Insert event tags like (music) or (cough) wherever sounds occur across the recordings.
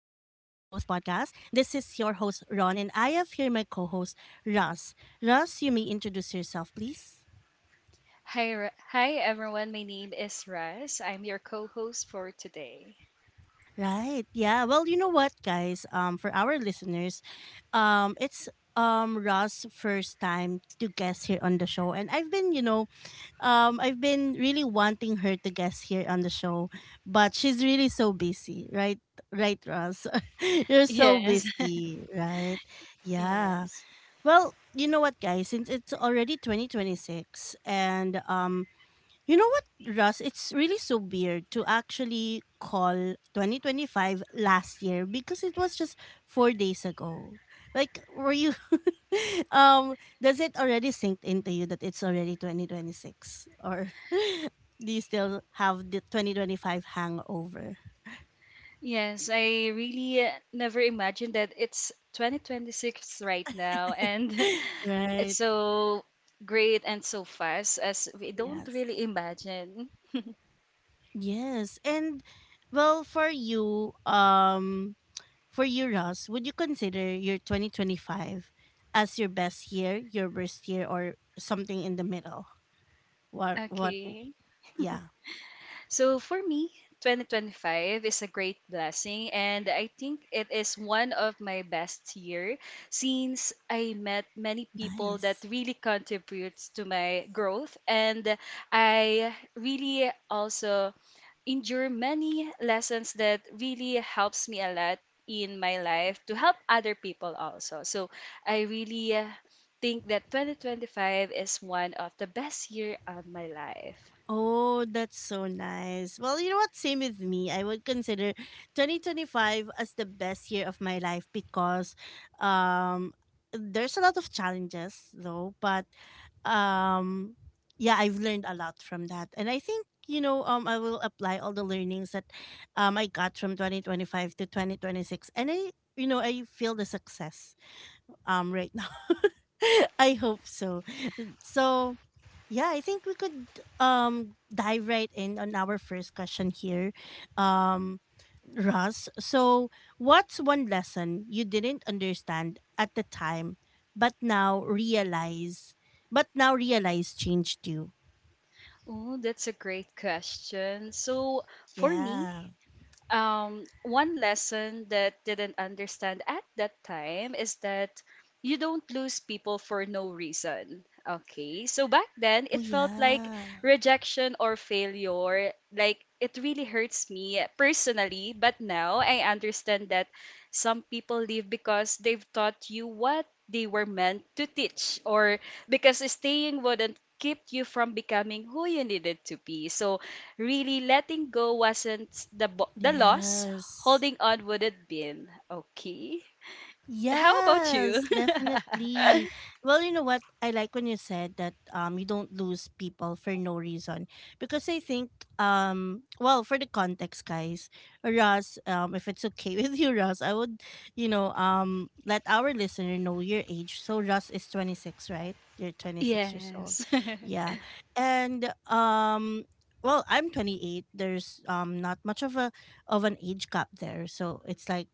Podcast. This is your host, Ron, and I have here my co host, Russ. Russ, you may introduce yourself, please. Hi everyone. My name is Raz. I'm your co-host for today. Right. Yeah. Well, you know what, guys? For our listeners, it's Russ' first time to guest here on the show, and I've been really wanting her to guest here on the show, but she's really so busy, right? Right, Russ? (laughs) You're so Yes, busy, right? (laughs) Yeah. yes, Well, you know what, guys? Since it's already 2026, and you know what, Russ? It's really so weird to actually call 2025 last year because it was just 4 days ago. Like, were you, (laughs) um, does it already sink into you that it's already 2026? Or (laughs) do you still have the 2025 hangover? yes. I really never imagined that it's 2026 right now, and (laughs) (laughs) it's Right. so great and so fast as we don't Yes. really imagine. Yes. And well, for you, um, For you, Ross, would you consider your 2025 as your best year, your worst year, or something in the middle? (laughs) What, what, Okay. yeah, So for me, 2025 is a great blessing, and I think it is one of my best year since I met many people that nice. really contributes to my growth, and I really also endure many lessons that really helps me a lot in my life to help other people also. So I really think that 2025 is one of the best year of my life. Oh, that's so nice. Well, you know what? Same with me. I would consider 2025 as the best year of my life because um there's a lot of challenges though, but um yeah, I've learned a lot from that. And I think, I will apply all the learnings that I got from 2025 to 2026, and I feel the success right now. (laughs) I hope so. So, yeah, I think we could dive right in on our first question here. Um Russ, so what's one lesson you didn't understand at the time but now realize but now realize changed you? Oh, that's a great question. So, for me, Yeah. One lesson that didn't understand at that time is that you don't lose people for no reason. Okay, so back then Oh it felt like yeah. rejection or failure. Like it really hurts me personally, but now I understand that some people leave because they've taught you what they were meant to teach, or because staying wouldn't keep you from becoming who you needed to be. So really, letting go wasn't the loss. Yes. Holding on would have been. Okay. How about you? Yes, definitely. (laughs) Well, you know what? I like when you said that you don't lose people for no reason because I think well, for the context, guys, Ross, if it's okay (laughs) with you, Ross, I would let our listener know your age. So Ross is 26, right? You're 26 years old. Yes. Yeah. And well, I'm 28. There's not much of a of an age gap there. So it's like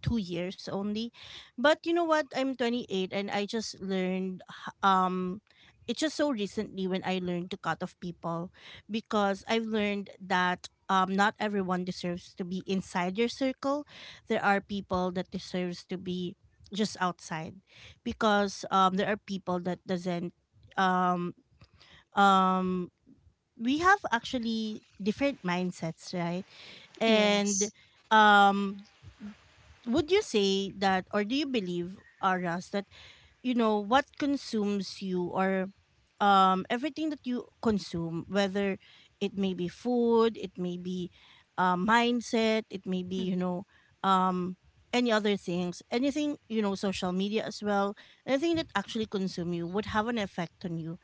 2 years only, but you know what? I'm 28 and I just learned it's just so recently when I learned to cut off people because I've learned that not everyone deserves to be inside your circle. There are people that deserves to be just outside because there are people that doesn't um um we have actually different mindsets, right? (laughs) And Yes. um would you say that, or do you believe Aras that you know what consumes you, or everything that you consume, whether it may be food, it may be mindset, it may be, you Mm. know, um any other things, anything, you know, social media as well, anything that actually consume you would have an effect on you,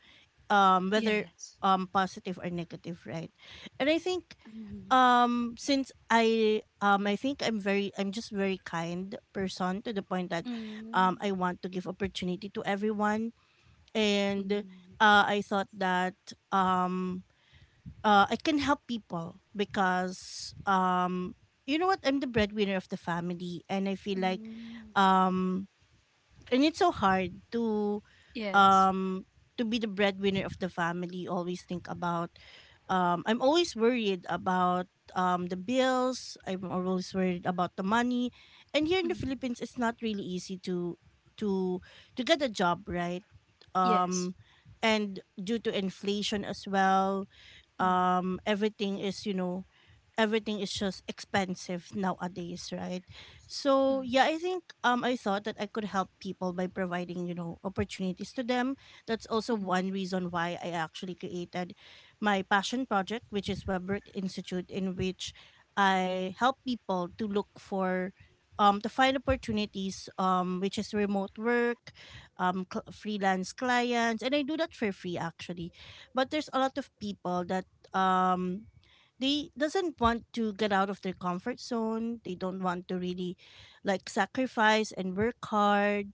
whether Yes. Positive or negative, right? And I think Mm. Since I think I'm just very kind person to the point that Mm. I want to give opportunity to everyone. And Mm. I thought that um I can help people because you know what, I'm the breadwinner of the family and I feel like Mm. um and it's so hard Yes. um to be the breadwinner of the family, always think about I'm always worried about the bills, I'm always worried about the money. And here in the Mm. Philippines, it's not really easy to to to get a job, right? Yes. um and due to inflation as well, Mm. Everything is, you know, everything is just expensive nowadays, right? Mm. So yeah, I think I thought that I could help people by providing, you know, opportunities to them. That's also one Mm. reason why I actually created my passion project, which is Webwork Institute, in which I help people to look for to find opportunities, which is remote work, freelance clients, and I do that for free actually. But there's a lot of people that um, they doesn't want to get out of their comfort zone, they don't want to really like sacrifice and work hard.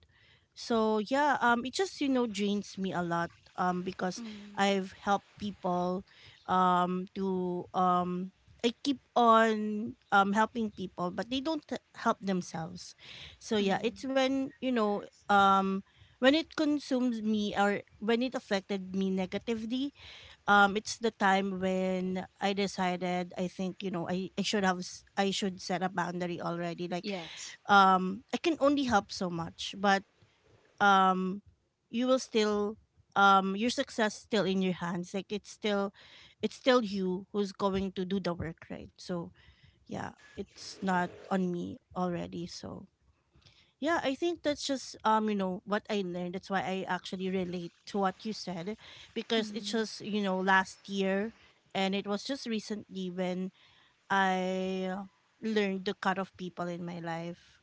So yeah, it just, you know, drains me a lot because Mm. I've helped people to I keep on helping people, but they don't help themselves. So yeah, it's Mm. when, you know, um when it consumes me or when it affected me negatively, it's the time when I decided, I think, you know, I I should set a boundary already. Like Yes. I can only help so much, but um you will still your success still in your hands. Like it's still, it's still you who's going to do the work, right? So yeah, it's not on me already. So yeah, I think that's just, you know, what I learned. That's why I actually relate to what you said because it's Mm. just, you know, last year, and it was just recently when I learned the cut of people in my life.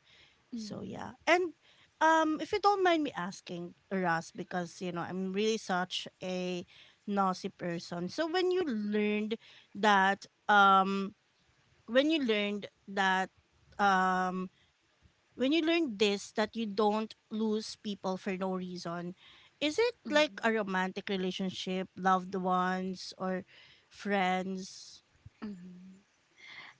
So Mm. yeah. And if you don't mind me asking, Ras, because you know, I'm really such a nosy person. So when you learned that when you learned that um when you learn this that you don't lose people for no reason, is it like Mm. a romantic relationship, loved ones, or friends Mm.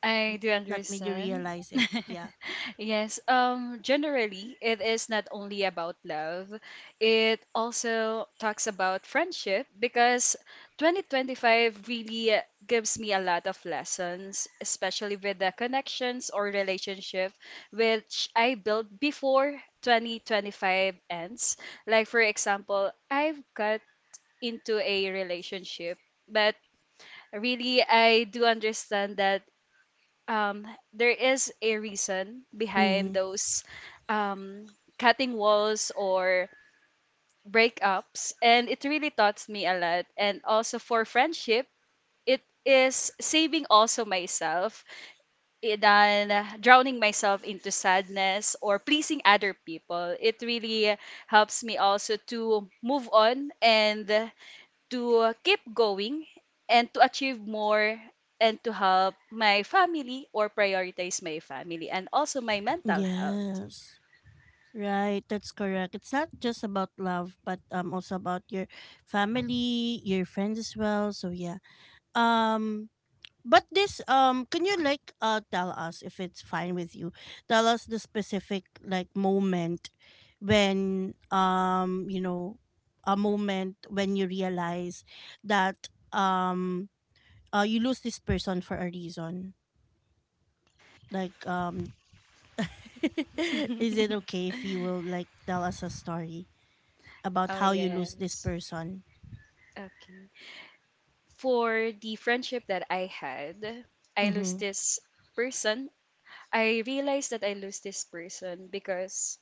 I do that made you understand. realize (laughs) it? Yeah. Yes, generally, it is not only about love, it also talks about friendship because 2025 really gives me a lot of lessons, especially with the connections or relationship which I built before 2025 ends. Like, for example, I've got into a relationship, but really, I do understand that um, there is a reason behind Mm-hmm. those um, cutting walls or breakups, and it really taught me a lot. And also for friendship, it is saving also myself than drowning myself into sadness or pleasing other people. It really helps me also to move on, and to keep going and to achieve more and to help my family or prioritize my family and also my mental health. Yes, right, that's correct. It's not just about love, but also about your family, your friends as well. So yeah, um but this can you like tell us, if it's fine with you? Tell us the specific like moment when you know, a moment when you realize that you lose this person for a reason. Like (laughs) (laughs) is it okay if you will like tell us a story about Oh, how you lose this yes. person? Okay. For the friendship that I had, I lost Mhm. this person. I realized that I lost this person because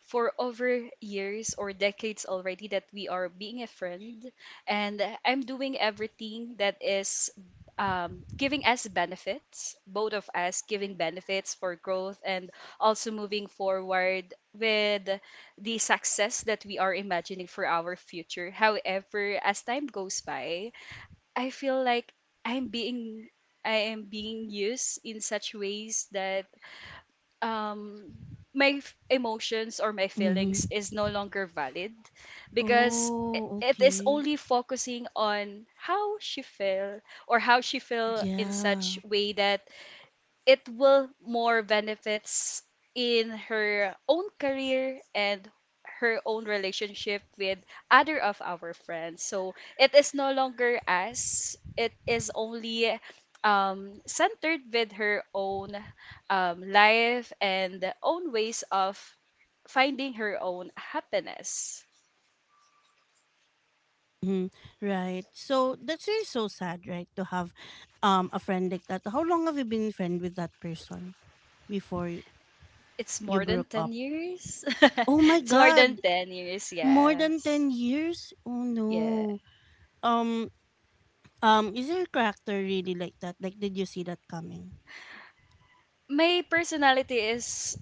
for over years or decades already that we are being a friend. And I'm doing everything that is giving us benefits, both of us giving benefits for growth and also moving forward with the success that we are imagining for our future. However, as time goes by, I feel like I'm being I am being used in such ways that um my emotions or my Mhm. feelings is no longer valid because Oh, it is okay. only focusing on how she feel or how she feel in such Yeah. way that it will more benefits in her own career and her own relationship with other of our friends. So it is no longer us. It is only centered with her own life and own ways of finding her own happiness. Mm-hmm. Right. So that's really so sad, right? To have a friend like that. How long have you been friend with that person before It's you more than broke up? 10 years. (laughs) Oh my It's more than god. 10 years, More than yes. 10 years? Oh Yeah. no. Um um, is your character really like that? Like did you see that coming? My personality is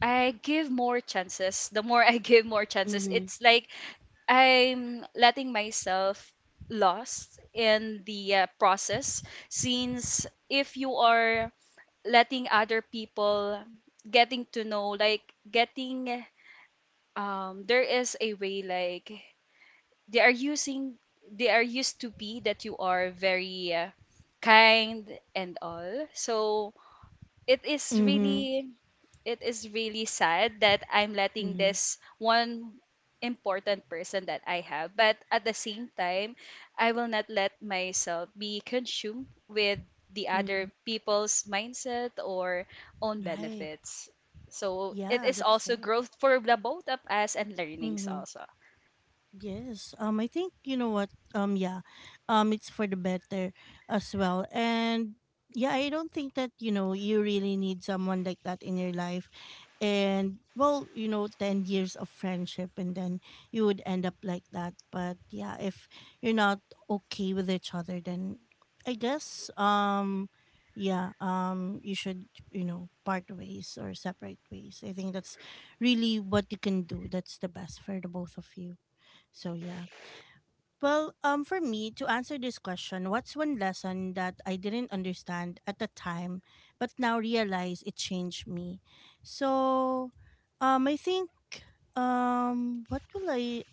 I give more chances. The more I (laughs) give more chances, Mhm. it's like I'm letting myself lost in the process. Since if you are letting other people getting to know, like getting, there is a way like they are using, they are used to be that you are very kind and all. So it is Mhm. really it is really sad that I'm letting Mhm. this one important person that I have. But at the same time, I will not let myself be consumed with the other Mm-hmm. people's mindset or own Right. benefits. So Yeah, it is that's also right. growth for the both of us and learnings Mhm. also. Yes. I think, you know what, yeah. It's for the better as well. And yeah, I don't think that, you know, you really need someone like that in your life. And well, you know, 10 years of friendship and then you would end up like that. But yeah, if you're not okay with each other, then I guess yeah, you should, you know, part ways or separate ways. I think that's really what you can do. That's the best for the both of you. So yeah. Well, for me to answer this question, what's one lesson that I didn't understand at the time but now realize it changed me? So I think what will I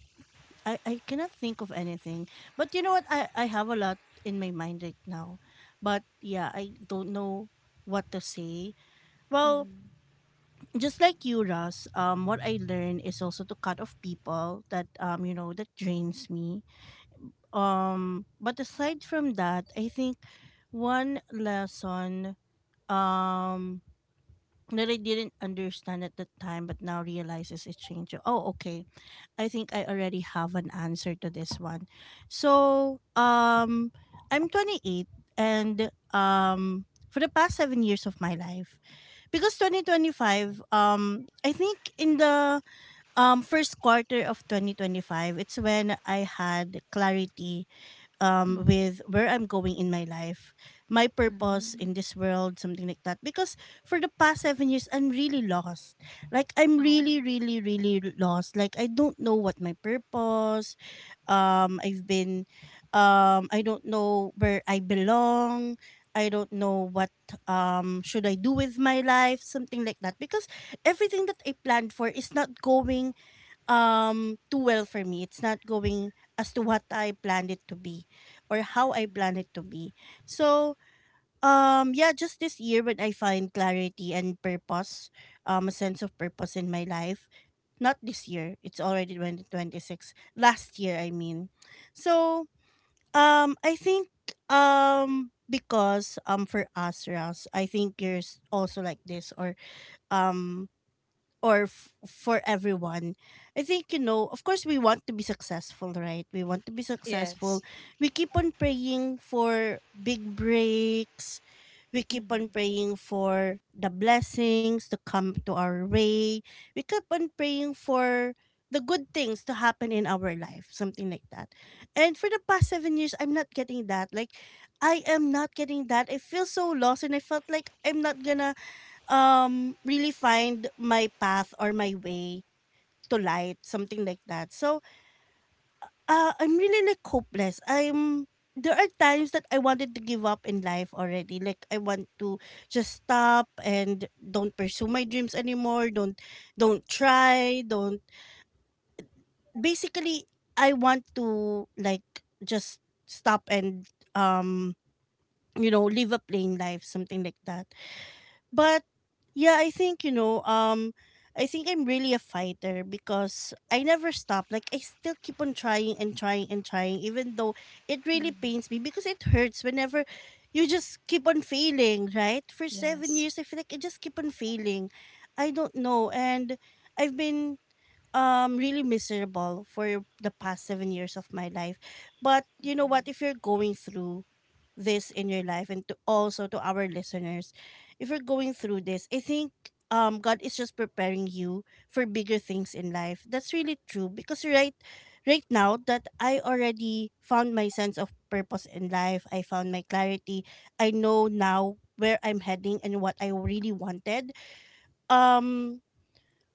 I, I cannot think of anything. But you know what? I have a lot in my mind right now. But yeah, I don't know what to say. Well, Mm-hmm. just like you, Russ, what I learned is also to cut off people that, you know, that drains me. But aside from that, I think one lesson um that I didn't understand at the time but now realizes it changed. Oh, okay. I think I already have an answer to this one. So, I'm 28 and for the past 7 years of my life, because 2025, I think in the first quarter of 2025 it's when I had clarity with where I'm going in my life, my purpose in Mm-hmm. this world, something like that. Because for the past 7 years, I'm really lost. Like I'm Oh. really, really, really lost. Like I don't know what my purpose. I've been, I don't know where I belong. I don't know what should I do with my life, something like that. Because everything that I planned for is not going too well for me. It's not going as to what I planned it to be or how I planned it to be. So yeah, just this year when I find clarity and purpose, a sense of purpose in my life. Not this year. It's already 2026. Last year I mean. So I think because for us Ross, I think you're also like this, or um for everyone. I think, you know, of course, we want to be successful, right? We want to be Yes. successful. We keep on praying for big breaks. We keep Mm-hmm. on praying for the blessings to come to our way. We keep on praying for the good things to happen in our life, something like that. And for the past 7 years, I'm not getting that. Like, I am not getting that. I feel so lost and I felt like I'm not gonna really find my path or my way to light something like that. So I'm really like hopeless. I'm There are times that I wanted to give up in life already. Like, I want to just stop and don't pursue my dreams anymore. Don't try, don't, basically, I want to like just stop and um you know, live a plain life, something like that. But yeah, I think, you know, I think I'm really a fighter because I never stop. Like, I still keep on trying and trying and trying, even though it really pains me, because it hurts whenever you just keep on failing, right? For Yes. seven Yes. years I feel like I just keep on failing. I don't know. And I've been really miserable for the past 7 years of my life. But you know Mm. what, if you're going through this in your life, and to also to our listeners, if you're going through this, I think God is just preparing you for bigger things in life. That's really true, because right now that I already found my sense of purpose in life, I found my clarity. I know now where I'm heading and what I really wanted. um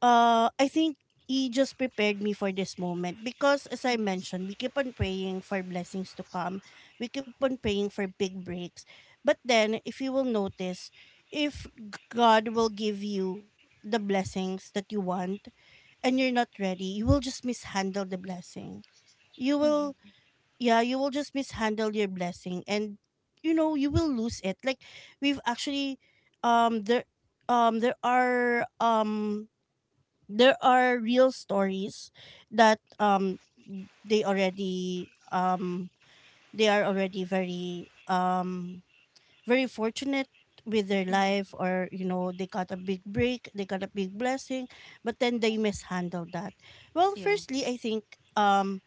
I think He just prepared me for this moment because, as I mentioned, we keep on praying for blessings to come. We keep on praying for big breaks. But then, if you will notice, if God will give you the blessings that you want and you're not ready, you will just mishandle the blessing. You will, Mm-hmm. yeah, you will just mishandle your blessing and you know, you will lose it. Like, we've actually there um there are um there are real stories that they already they are already very very fortunate with their life, or you know, they got a big break, they got a big blessing, but then they mishandled that. Well, firstly, Yes. I think um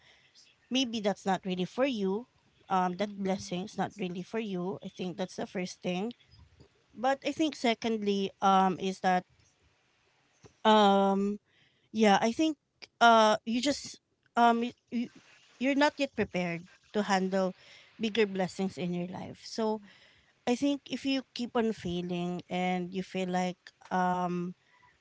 maybe that's not really for you. That blessing Mm. is not really for you. I think that's the first thing. But I think secondly, is that, um Yeah, I think you just, um y- y- you're not yet prepared to handle bigger blessings in your life. So I think if you keep on failing and you feel like um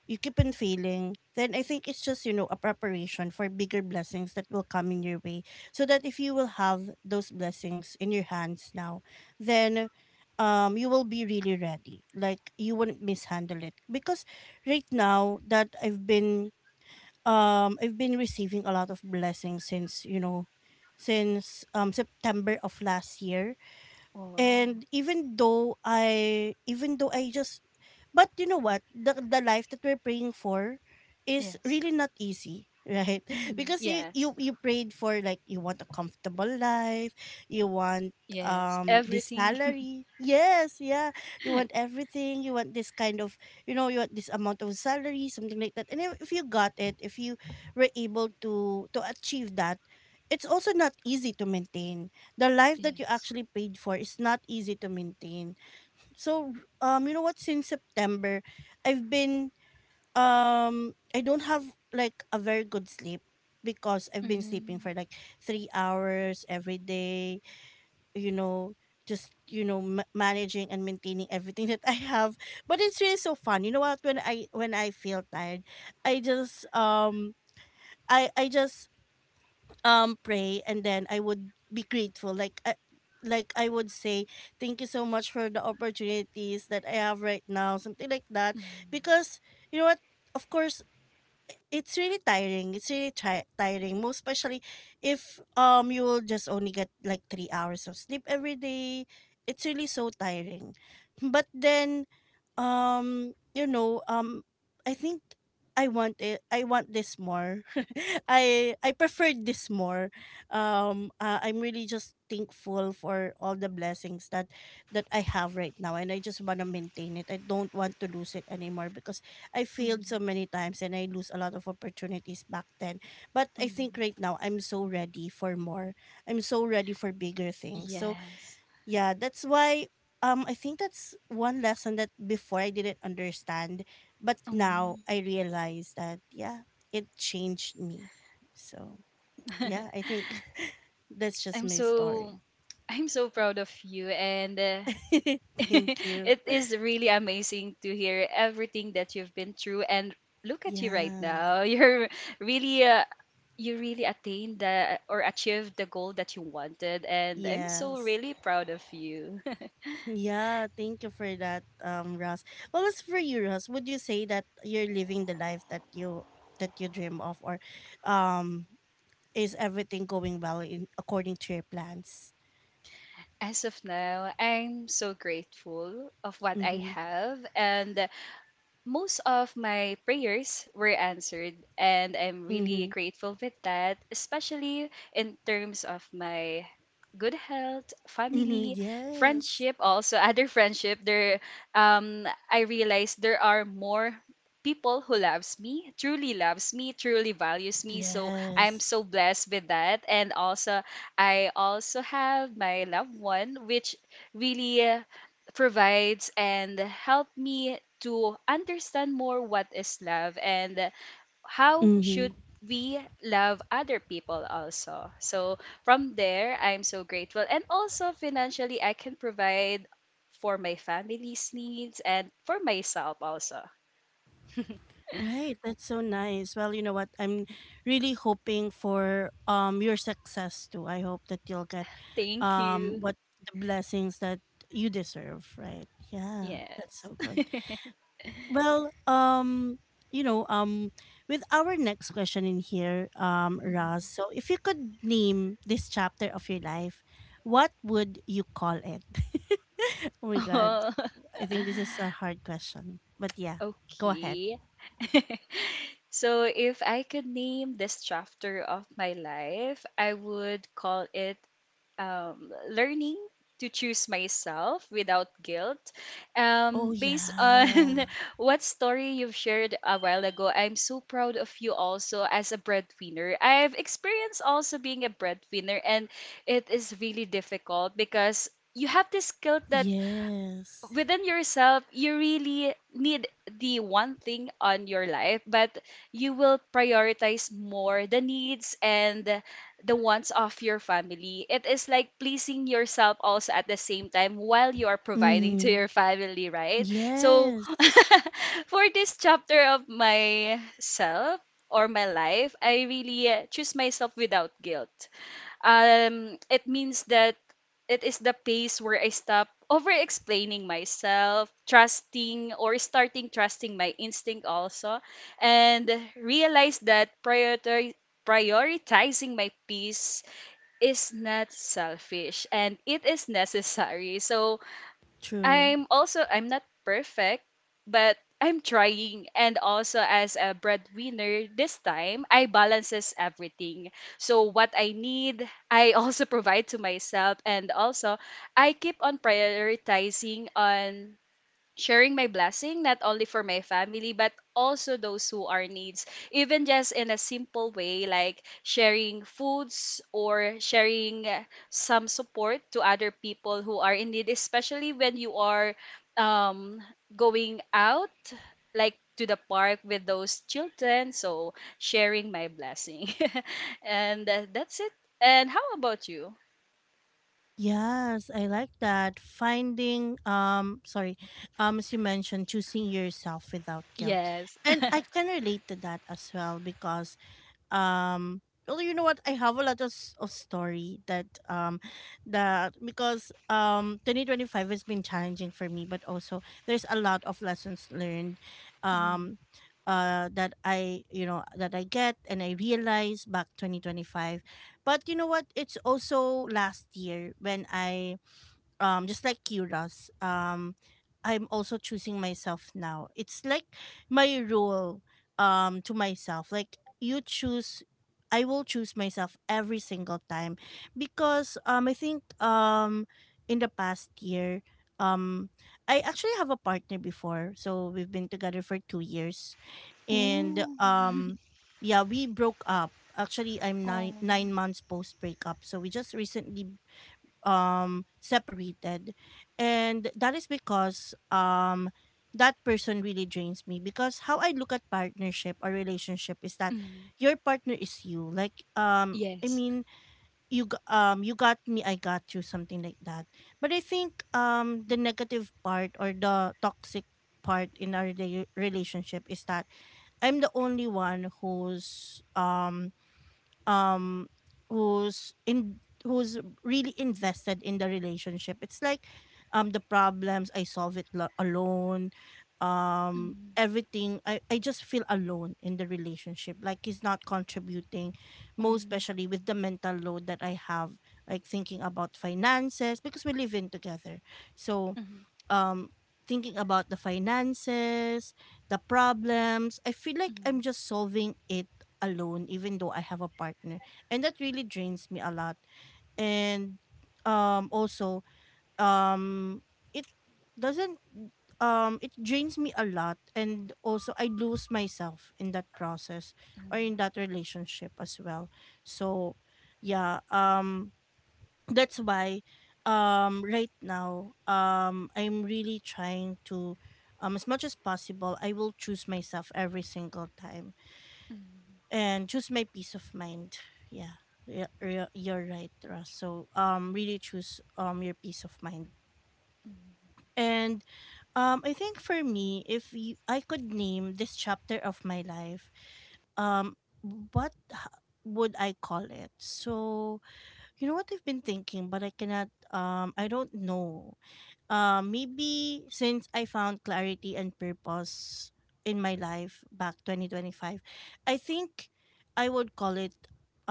you keep on failing, then I think it's just, you know, a preparation for bigger blessings that will come in your way. So that if you will have those blessings in your hands now, then you will be really ready. Like, you wouldn't mishandle it. Because right now that I've been receiving a lot of blessings since, you know, since September of last year. Wow. And even though I just, but you know what? The life that we're praying for is Yes. really not easy, right? (laughs) Hmm. Because you Yes. you you prayed for, like, you want a comfortable life, you want Yes. This Everything. (laughs) salary. Yes, yeah. You want everything, you want this kind of, you know, you want this amount of salary, something like that. And if you got it, if you were able to achieve that, it's also not easy to maintain. The life that you Yes. actually paid for is not easy to maintain. So you know what, since September, I've been I don't have like a very good sleep, because I've been sleeping Mm-hmm. for like 3 hours every day, you know, just, you know, managing and maintaining everything (laughs) that I have. But it's really so fun. You know what, when I when I feel tired, I just I just pray, and then I would be grateful, like I would say thank you so much for the opportunities that I have right now, something like that. Because, you know what, of course it's really tiring. It's really tiring, most especially if you will just only get like 3 hours of sleep every day. It's really so tiring. But then, um, you know, um, I think I want it. I want this more. (laughs) I preferred this more. I'm really just thankful for all the blessings that I have right now, and I just wanna maintain it. I don't want to lose it anymore, because I failed Mm-hmm. so many times and I lose a lot of opportunities back then. But I think right now I'm so ready for more. I'm so ready for bigger things. So Yes. yeah, that's why I think that's one lesson that before I didn't understand, but now Um, I realize that, yeah, it changed me. So yeah, (laughs) I think (laughs) that's just I'm my so story. I'm so proud of you, and (laughs) (laughs) Thank you. it is really amazing to hear everything that you've been through. And look at you right Yeah. now. (laughs) Really uh, you really attained the or achieved the goal that you wanted, and I'm so Yes. really proud of you. (laughs) Yeah, thank you for that, Ross. Well, as for you, Ross, would you say that you're living the life that you dream of, or um, is everything going well in according to your plans? As of now, I'm so grateful of what I Mm-hmm. have, and most of my prayers were answered, and I'm really Mm-hmm. grateful with that, especially in terms of my good health, Mm-hmm. family, Yes. friendship also. (laughs) Other friendship there, I realized there are more people who loves me truly, loves me truly, values me, so I'm Yes. so blessed with that. And also I also have my loved one, which really provides and help me to understand more what is love and how Mm-hmm. should we love other people also. So from there, I'm so grateful. And also financially, I can provide for my family's needs and for myself also. (laughs) Right. That's so nice. Well, you know what, I'm really hoping for your success too. I hope that you'll get Thank you. what the blessings that you deserve. Right. Yeah. Yes. That's so good. (laughs) Well, you know, um, with our next question in here, Raz, so if you could name this chapter of your life, what would you call it? (laughs) Oh my God. Oh, I think this is a hard question. But (laughs) yeah, go ahead. okay. (laughs) So, if I could name this chapter of my life, I would call it learning to choose myself without guilt. Oh, Based yeah. on (laughs) what story you've shared a while ago, I'm so proud of you also as a breadwinner. I've experienced also being a breadwinner, and it is really difficult because you have this guilt that Yes. within yourself, you really need the one thing on your life, but you will prioritize more the needs and the wants of your family. It is like pleasing yourself also at the same time while you are providing to Mm, your family, right? So, yes. (laughs) for this chapter of myself, or my life, I really choose myself without guilt. It means that it is the pace where I stop over explaining myself, trusting or starting trusting my instinct also, and realize that priority prioritizing my peace is not selfish and it is necessary. So True. I'm not perfect, but I'm trying. And also as a breadwinner this time I balances everything. So what I need, I also (laughs) provide to myself. And also I keep on prioritizing on sharing my blessing, not only for my family but also those who are needs, even just in a simple way like sharing foods or sharing some support to other people who are in need, especially when you are um, going out like to the park with those children, so sharing my blessing. (laughs) And that's it. And how about you? Yes, I like that. Finding sorry, as you mentioned, choosing yourself without guilt. Yes. And (laughs) I can relate to that as well because um well, you know what, I have a lot of, of story that because 2025 has been challenging for me, but also there's a lot of lessons learned. Mm. um that I, you know, that I get and I realize back 2025. But you know what, it's also last year when I just like Kira's, I'm also choosing myself now. It's like my rule to myself. Like you choose I will choose myself every single time, because I think, in the past year, um I actually have a partner before. So we've been together for 2 years. And Ooh. Yeah, we broke up. Actually, I'm Oh. nine months post breakup. So we just recently separated. And that is because that person really drains me, because how I look at partnership or relationship is that Mm. your partner is you. I Yes. mean, you got me, I got you, something like that. But I think the negative part, or the toxic part in our relationship is that I'm the only one who's um who's in who's really invested in the relationship. It's like, the problems, I solve it alone. Mm, Everything, I just feel alone in the relationship. Like, he's not contributing, mm, most mm, especially with the mental load that I have, like thinking about finances, because we live in together. So mm, um thinking about the finances, the problems, I feel like I'm mm, just solving it alone, even though I have a partner. And that really drains me a lot. And also um it doesn't, it drains me a lot, and also I lose myself in that process, or in that relationship as well. So yeah, that's why right now, I'm really trying to, as much as possible, I will choose myself every single time mm. and choose my peace of mind. Yeah. Yeah, you're right, Ross. So really choose your peace of mind. And I think, for me, if I could name this chapter of my life, um what h- would I call it? So you know what, I've been thinking, but I cannot I don't know. Maybe since I found clarity and purpose in my life back 2025, I think I would call it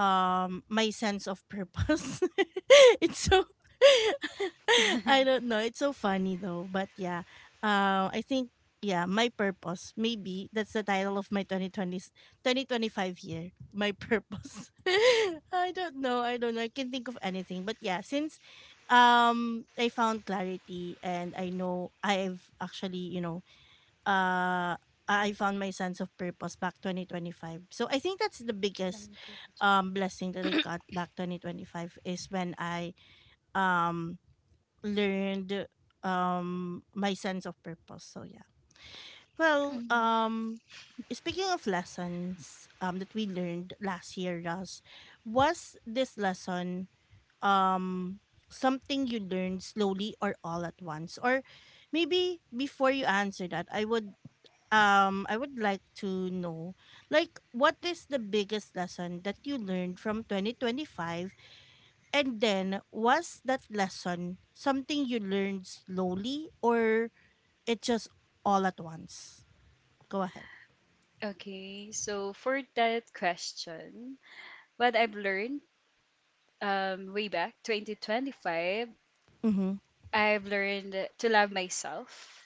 my sense of purpose. (laughs) It's so (laughs) I don't know. It's so funny though. But yeah, I think, yeah, my purpose. Maybe that's the title of my 2020, 2025 year. My purpose. (laughs) I don't know. I don't know. I can think of anything. But yeah, since I found clarity, and I know I've actually, you know, uh I found my sense of purpose back 2025. So I think that's the biggest Very good. Blessing that I got back 2025 is when I um learned my sense of purpose. So yeah. Well, Mm. um speaking of lessons that we learned last year, Russ, was this lesson um something you learned slowly or all at once? Or maybe before you answer that, I would I would like to know, like, what is the biggest lesson that you learned from 2025? And then was that lesson something you learned slowly or it just all at once? Go ahead. Okay, so for that question, what I've learned way back 2025, Mm-hmm. I've learned to love myself,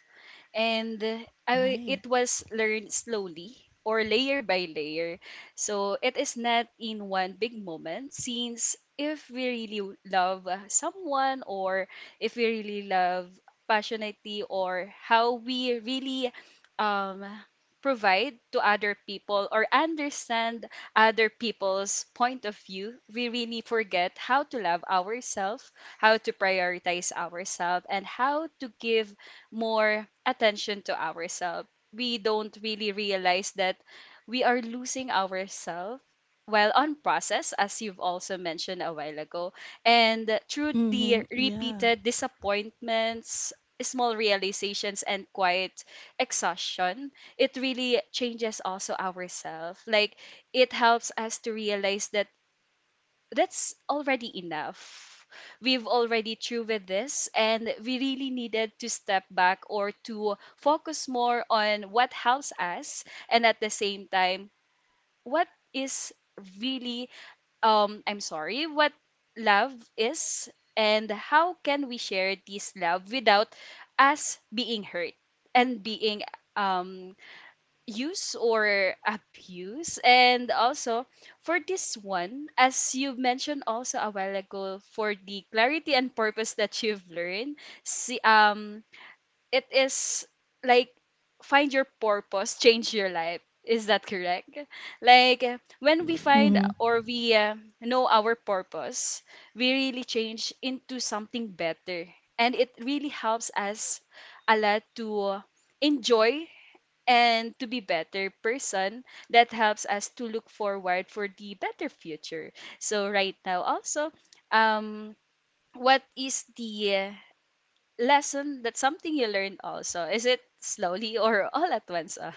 and Right. it was learned slowly or layer by layer. So it is not in one big moment, since if we really love someone, or if we really love passionately, or how we really um, provide to other people or understand other people's point of view, we really forget how to love ourselves, how to prioritize ourselves, and how to give more attention to ourselves. We don't really realize that we are losing ourselves while on process, as you've also mentioned a while ago. And through the Mhm, yeah. repeated disappointments, small realizations, and quiet exhaustion, it really changes also ourselves. Like, it helps us to realize that that's already enough. We've already through with this, and we really needed to step back or to focus more on what helps us, and at the same time, what is really, I'm sorry, what love is, and how can we share this love without us being hurt and being um use or abuse. And also for this one, as you mentioned also a while ago, for the clarity and purpose that you've learned, see, it is like find your purpose, change your life, is that correct? Like, when we find, or we know our purpose, we really change into something better. And it really helps us a lot to enjoy and to be better person that helps us to look forward for the better future. So right now also, um what is the lesson that something you learned also, is it slowly or all at once ah?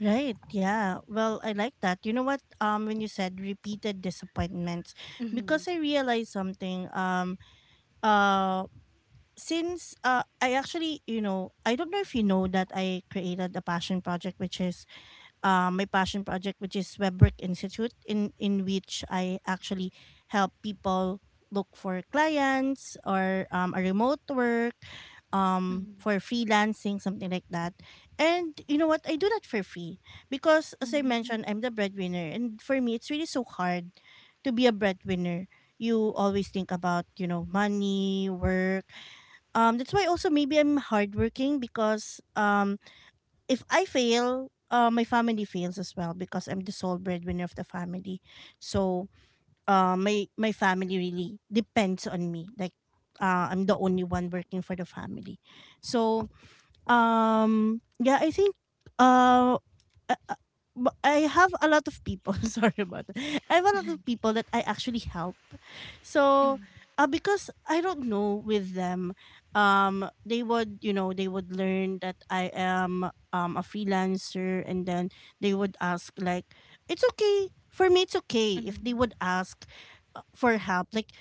Right. Yeah. Well, I like that. You know what? When you said repeated disappointments, because I realized something. Uh, since I actually, you know, I don't know if you know that I created a passion project, which is my passion project, which is Webwork Institute, in which I actually help people look for clients or a remote work (laughs) Mhm, for freelancing, something like that. And you know what? I do that for free, because as I mhm, mentioned, I'm the breadwinner, and for me it's really so hard to be a breadwinner. You always think about, you know, money, work. That's why also maybe I'm hardworking, because if I fail, my family fails as well, because I'm the sole breadwinner of the family. So my family really depends on me. Like, I'm the only one working for the family. So yeah, I think uh, uh, uh, I have a lot of people. (laughs) Sorry about that. I have a lot of people that I actually help. So, mhm, because I don't know with them, they would, you know, they would learn that I am a freelancer, and then they would ask like, it's okay for me. It's okay if they mhm, would ask for help. Like,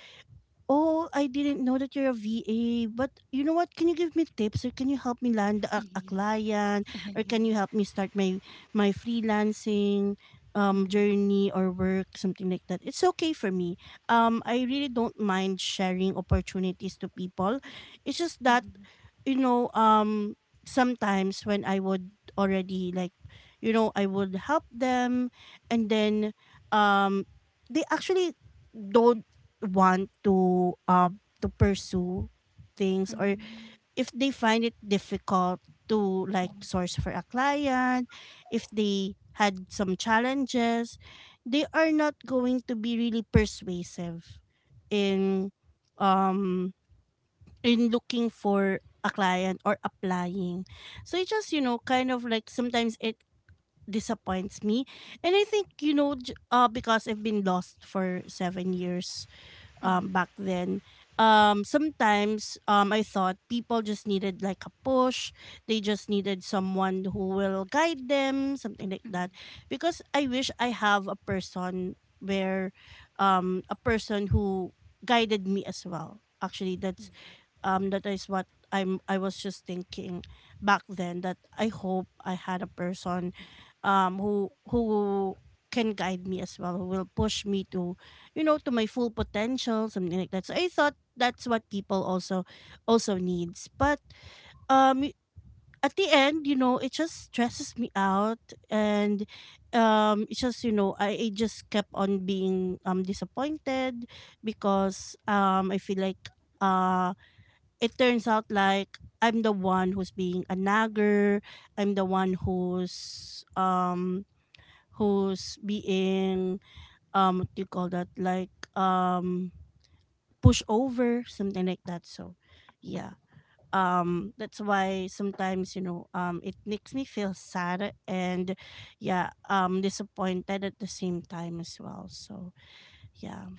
oh, I didn't know that you're a VA. But you know what? Can you give me tips, or can you help me land a client, mhm, or can mhm. you (laughs) help me start my freelancing journey or work, something like that? It's okay for me. I really don't mind sharing opportunities to people. It's just Mhm, that, mhm, you know, sometimes when I would already, like, you know, I would help them, and then um they actually don't want to pursue things, or mhm, if they find it difficult to, like, source for a client, if they had some challenges, they are not going to be really persuasive in um in looking for a client or applying. So it just, you know, kind of like sometimes it disappoints me. And I think, you know, because I've been lost for 7 years mhm, back then. Sometimes I thought people just needed like a push. They just needed someone who will guide them, something like mhm, that. Because I wish I have a person where, a person who guided me as well. Actually, that's that is what I was just thinking back then, that I hope I had a person who can guide me as well, who will push me to, you know, to my full potential, something like that. So I thought that's what people also also needs. But um at the end, you know, it just stresses me out. And it's just, you know, I just kept on being disappointed, because I feel like uh it turns out like I'm the one who's being a nagger. I'm the one who's who's being what do you call that, like, push over, something like that. So yeah. That's why sometimes, you know, it makes me feel sad and, yeah, disappointed at the same time as well. So yeah.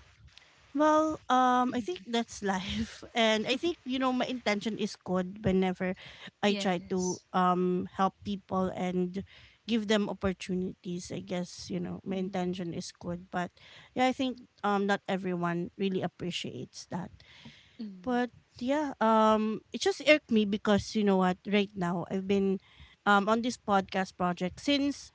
Well, I mhm. think that's life, (laughs) and I think, you know, my intention is good. Whenever I try to Yes. Help people and give them opportunities, I guess, you know, my Mhm, intention is good. But yeah, I think not everyone really appreciates that. mhm, But yeah, it just irked me, because you know what? Right now, I've been on this podcast project, since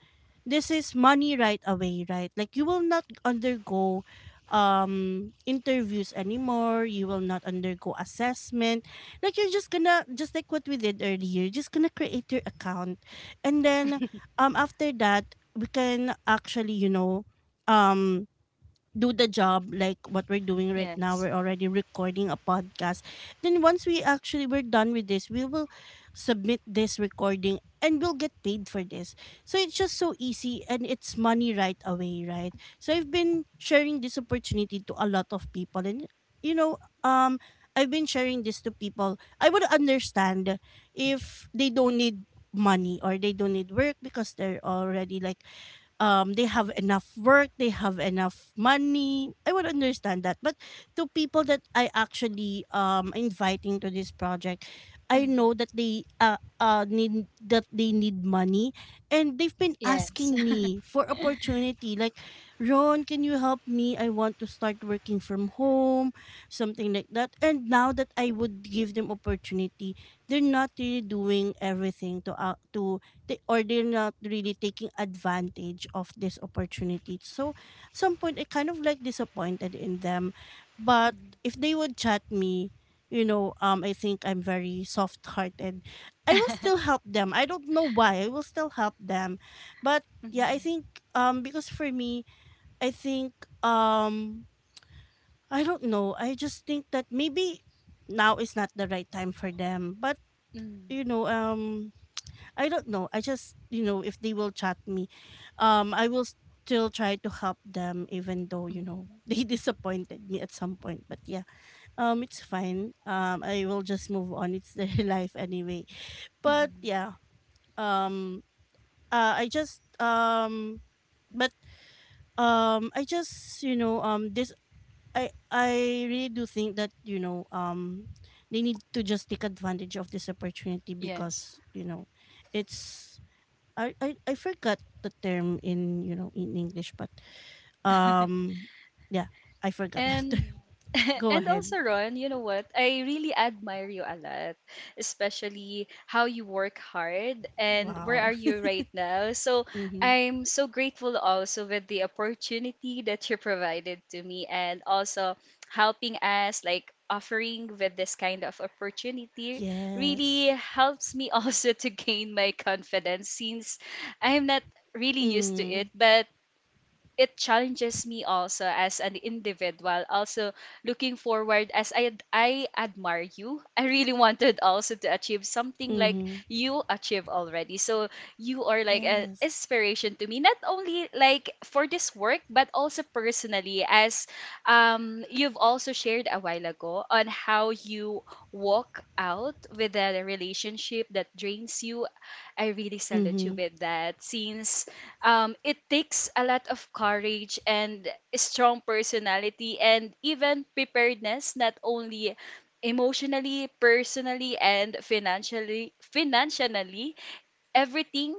this is money right away, right? Like, you will not undergo interviews anymore. You will not undergo assessment. Like, you're just gonna just like what we did earlier. You're just gonna create your account, and then after that, we can actually, you know, um do the job, like what we're doing right now. yes. We're already recording a podcast. Then once we actually we're done with this, we will submit this recording and we'll get paid for this. So it's just so easy, and it's money right away, right? So I've been sharing this opportunity to a lot of people, and you know, I've been sharing this to people. I would understand if they don't need money or they don't need work, because they're already like, they have enough work, they have enough money. I would understand that. But to people that I actually inviting to this project, I know Mhm, that they need, that they need money, and they've been yes. asking (laughs) me for opportunity, like, Ron, can you help me? I want to start working from home, something like that. And now that I would give them opportunity, they're not really doing everything to out to they, or they're not really taking advantage of this opportunity. So at some point, I kind of like disappointed in them. But Mhm, if they would chat me, you know, I think I'm very soft hearted. I will still (laughs) help them. I don't know why. I will still help them. But yeah, I mhm, think because for me, I think um I don't know. I just think that maybe now is not the right time for them. But, mm, you know, I don't know. I just, you know, if they will chat me, I will still try to help them, even though, you know, mm, (laughs) they disappointed me at some point. But yeah, it's fine. I will just move on. It's their (laughs) life anyway. But mm, yeah, um, I just, but I just, you know, this, I really do think that, you know, they need to just take advantage of this opportunity, yes. because, you know, it's, I forgot the term in, you know, in English, but (laughs) um, yeah, I forgot that And term. (laughs) (laughs) Go and ahead. also Ron, you know what? I really admire you a lot, especially how you work hard and where Wow. are you right now. So Mm-hmm. I'm so grateful also with the opportunity that you provided to me and also helping us like offering with this kind of opportunity Yes. really helps me also (laughs) to gain my confidence since I'm not really used to Mm. it, but it challenges me also as an individual also looking forward. As I admire you, I really wanted also to achieve something like Mm-hmm. you achieve already, so you are like an Yes. inspiration to me not only like for this work but also personally as you've also shared a while ago on how you walk out with a relationship that drains you. I really salute you Mm-hmm. with that since it takes a lot of courage and a strong personality and even preparedness, not only emotionally, personally and financially everything.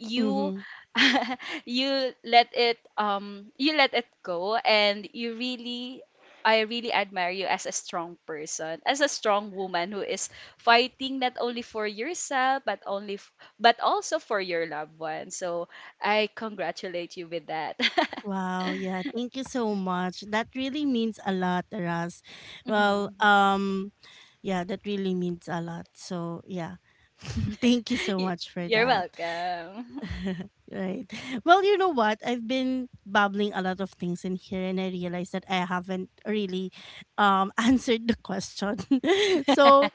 You Mm-hmm. (laughs) You let it go and you really, I really admire you as a strong person, as a strong woman who is fighting not only for yourself but only but also for your loved one. So I congratulate you with that. (laughs) Wow. Yeah. Thank you so much. That really means a lot, Ras. Well, Mhm. Yeah, that really means a lot. So yeah, (laughs) thank you so Y- much for You're that. welcome. (laughs) Right. Well, you know what? I've been babbling a lot of things in here, and I realized that I haven't really (laughs) answered the question. (laughs) So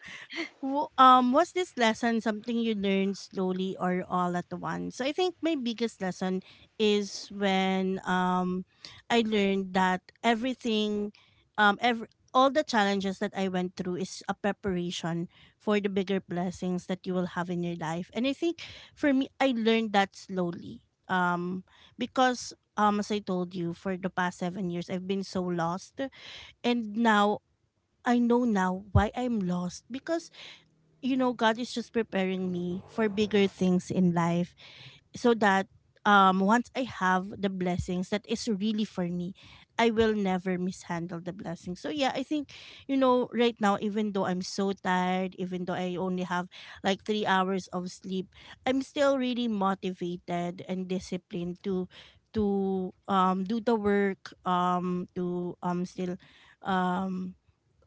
Was this lesson something you learned slowly or all at once? So I think my biggest lesson is when I learned that everything every all the challenges that I went through is a preparation for the bigger blessings that you will have in your life. And I think for me, I learned that slowly. Because as I told you, for the past 7 years, I've been so lost, and now I know now why I'm lost, because, you know, God is just preparing me for bigger things in life, so that once I have the blessings that is really for me, I will never mishandle the blessings. So yeah, I think, you know, right now, even though I'm so tired, even though I only have like 3 hours of sleep, I'm still really motivated and disciplined to do the work, to still um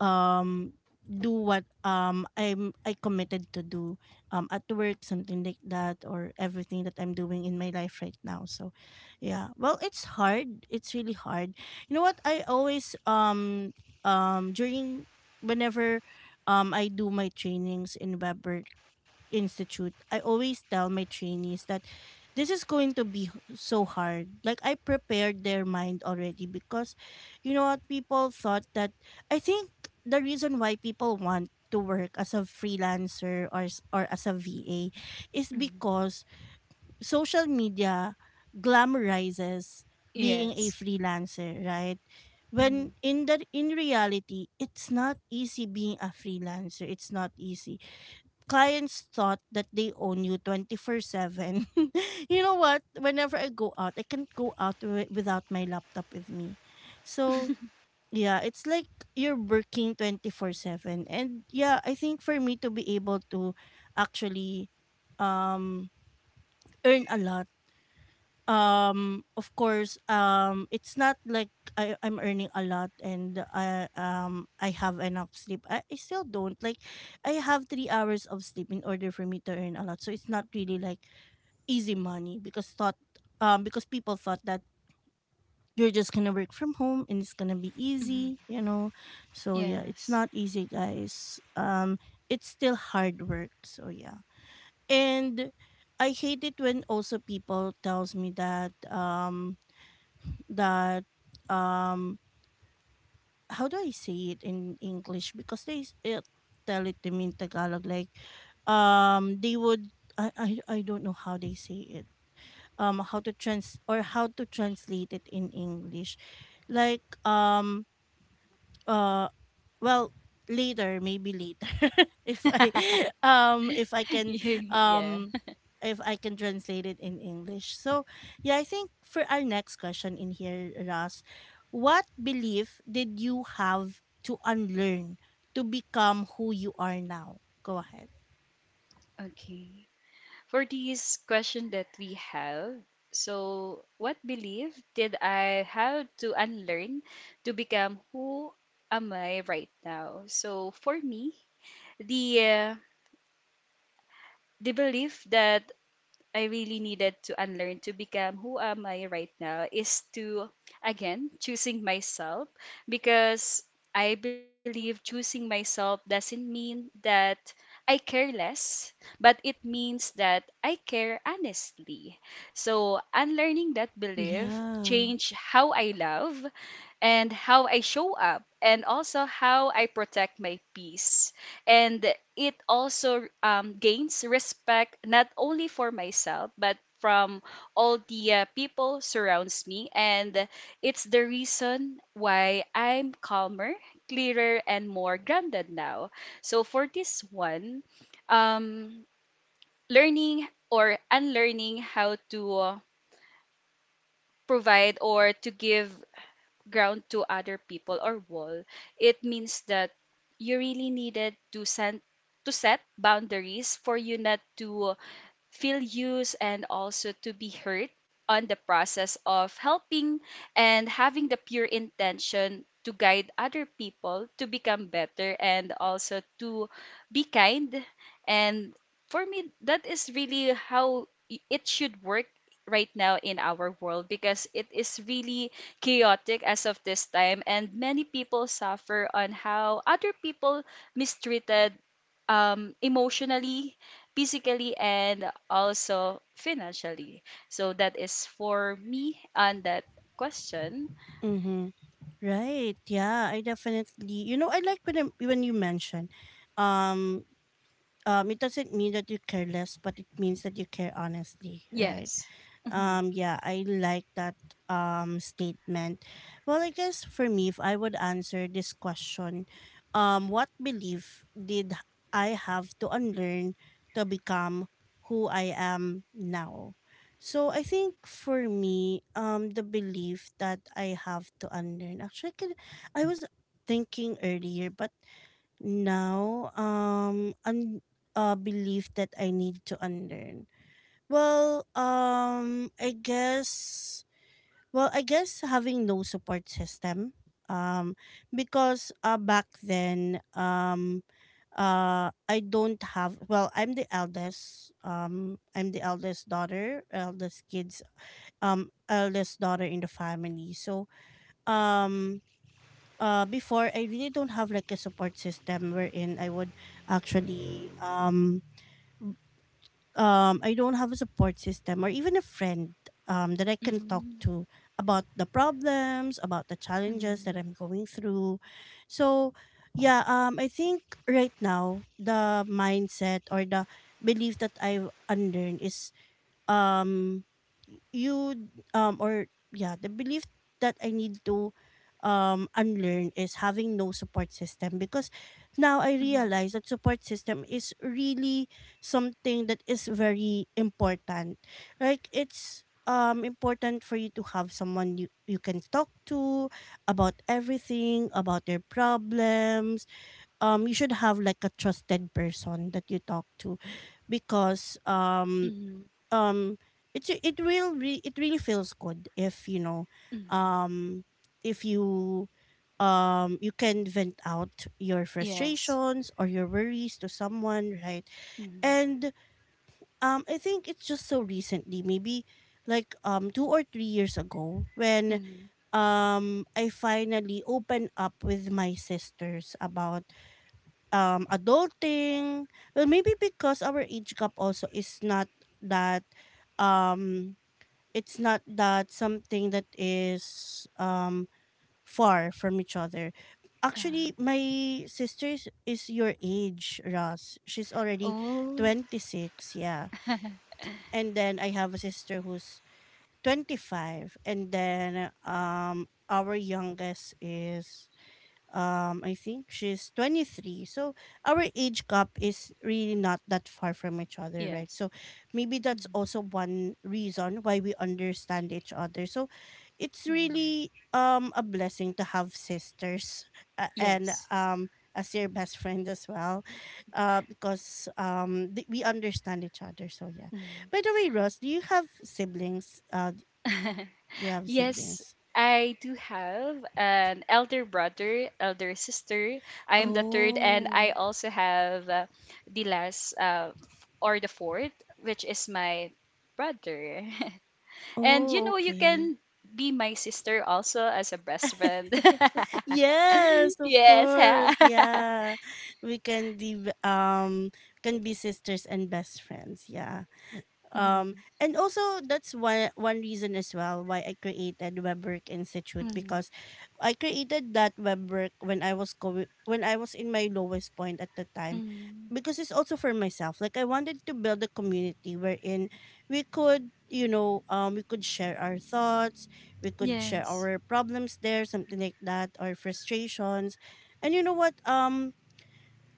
um do what I committed to do at work, something like that, or everything that I'm doing in my life right now. So yeah, well, it's hard, it's really hard. You know what, I always during whenever I do my trainings in web institute, I always tell my trainees that this is going to be so hard. Like, I prepared their mind already, because you know what, people thought that, I think the reason why people want to work as a freelancer or or as a VA is Mhm. because social media glamorizes being a Yes. freelancer, right? Mhm. When in the in reality, it's not easy being a freelancer. It's not easy, clients thought that they own you 24/7. (laughs) You know what? Whenever I go out, I can't go out without my laptop with me. So yeah, it's like you're working 24/7. And yeah, I think for me to be able to actually um earn a lot, of course, it's not like I'm earning a lot and I have enough sleep. I still don't like I have 3 hours of sleep in order for me to earn a lot, so it's not really like easy money because thought because people thought that you're just gonna work from home and it's gonna be Mhm. easy. So yeah, it's Yes. not easy, guys. It's still hard work, so yeah. And I hate it when also people tells me that, that um how do I say it in English? Because tell it to me in Tagalog. Like, they would, I, I I don't know how they say it, how to trans or how to translate it in English. Like, uh well, later, maybe later, (laughs) if I (laughs) (laughs) if I can, You- yeah. um if I can translate it in English. So yeah, I think for our next question in here, Ras, what belief did you have to unlearn to become who you are now? Go ahead. Okay. For this question that we have, so what belief did I have to unlearn to become who am I right now? So for me, the uh, the belief that I really needed to unlearn to become who am I right now is to, again, choosing myself, because I believe choosing myself doesn't mean that I care less, but it means that I care honestly. So unlearning that belief Yeah. change how I love and how I show up and also how I protect my peace. And it also gains respect not only for myself but from all the people surrounds me, and it's the reason why I'm calmer, clearer and more grounded now. So for this one, um learning or unlearning how to provide or to give ground to other people or wall, it means that you really needed to send, to set boundaries for you not to feel used and also to be hurt on the process of helping and having the pure intention to guide other people to become better and also to be kind. And for me, that is really how it should work right now in our world, because it is really chaotic as of this time and many people suffer on how other people mistreated, emotionally, physically, and also financially. So that is for me on that question. Mm-hmm. Right. Yeah, I definitely. You know, I like when you mention, um it doesn't mean that you care less, but it means that you care honestly, right? Yes. Mhm. Yeah, I like that statement. Well, I guess for me, if I would answer this question, what belief did I have to unlearn to become who I am now? So I think for me, the belief that I have to unlearn, actually, I was thinking earlier, but now a belief that I need to unlearn. Well, well, I guess having no support system, um because back then, I don't have, well, I'm the eldest. I'm the eldest daughter, eldest kids, eldest daughter in the family. So, um before I really don't have like a support system wherein I would actually I don't have a support system or even a friend that I can talk Mhm. to about the problems, about the challenges that Mhm. I'm going through. So yeah, I think right now the mindset or the belief that I've unlearned is, um you or yeah the belief that I need to unlearn is having no support system, because now I Mhm. realize that support system is really something that is very important. Like, it's important for you to have someone you can talk to about everything, about their problems. You should have like a trusted person that you talk to, because Mhm. um it it really feels good if you know, Mhm. um if you, you can vent out your Yes. frustrations or your worries to someone, right? Mhm. And I think it's just so recently, maybe like 2 or 3 years ago when Mhm. I finally opened up with my sisters about adulting. Well, maybe because our age gap also is not that, um it's not that something that is far from each other. Uh, Actually, my sister is your age, Ross. She's already Oh. 26, yeah. (laughs) And then I have a sister who's 25, and then our youngest is, I think she's 23. So our age gap is really not that far from each other, right? Yes. So maybe that's Mhm. also one reason why we understand each other. So it's Mhm. really a blessing to have sisters, uh, and Yes. um as your best (laughs) friend as well, because we understand each other, so yeah. Mhm. By the way, Ross, do (laughs) you have Yes, siblings? I do have an elder brother, elder sister. I am the third, and I Oh. also have the last f- or the fourth, which is my brother. (laughs) And you Oh, know, you okay. can be my sister also as a best friend. (laughs) (laughs) Yes, of Yes. course. (laughs) Yeah. We can be, um can be sisters and best friends. Yeah. um Mm, and also, that's one reason as well why I created WebWork Institute, mm, because I created that WebWork when I was going when I was in my lowest point at the time, mm. because it's also for myself. Like, I wanted to build a community wherein we could, you know, we could share our thoughts, we could share Yes. our problems there, something like that, our frustrations. And you know what?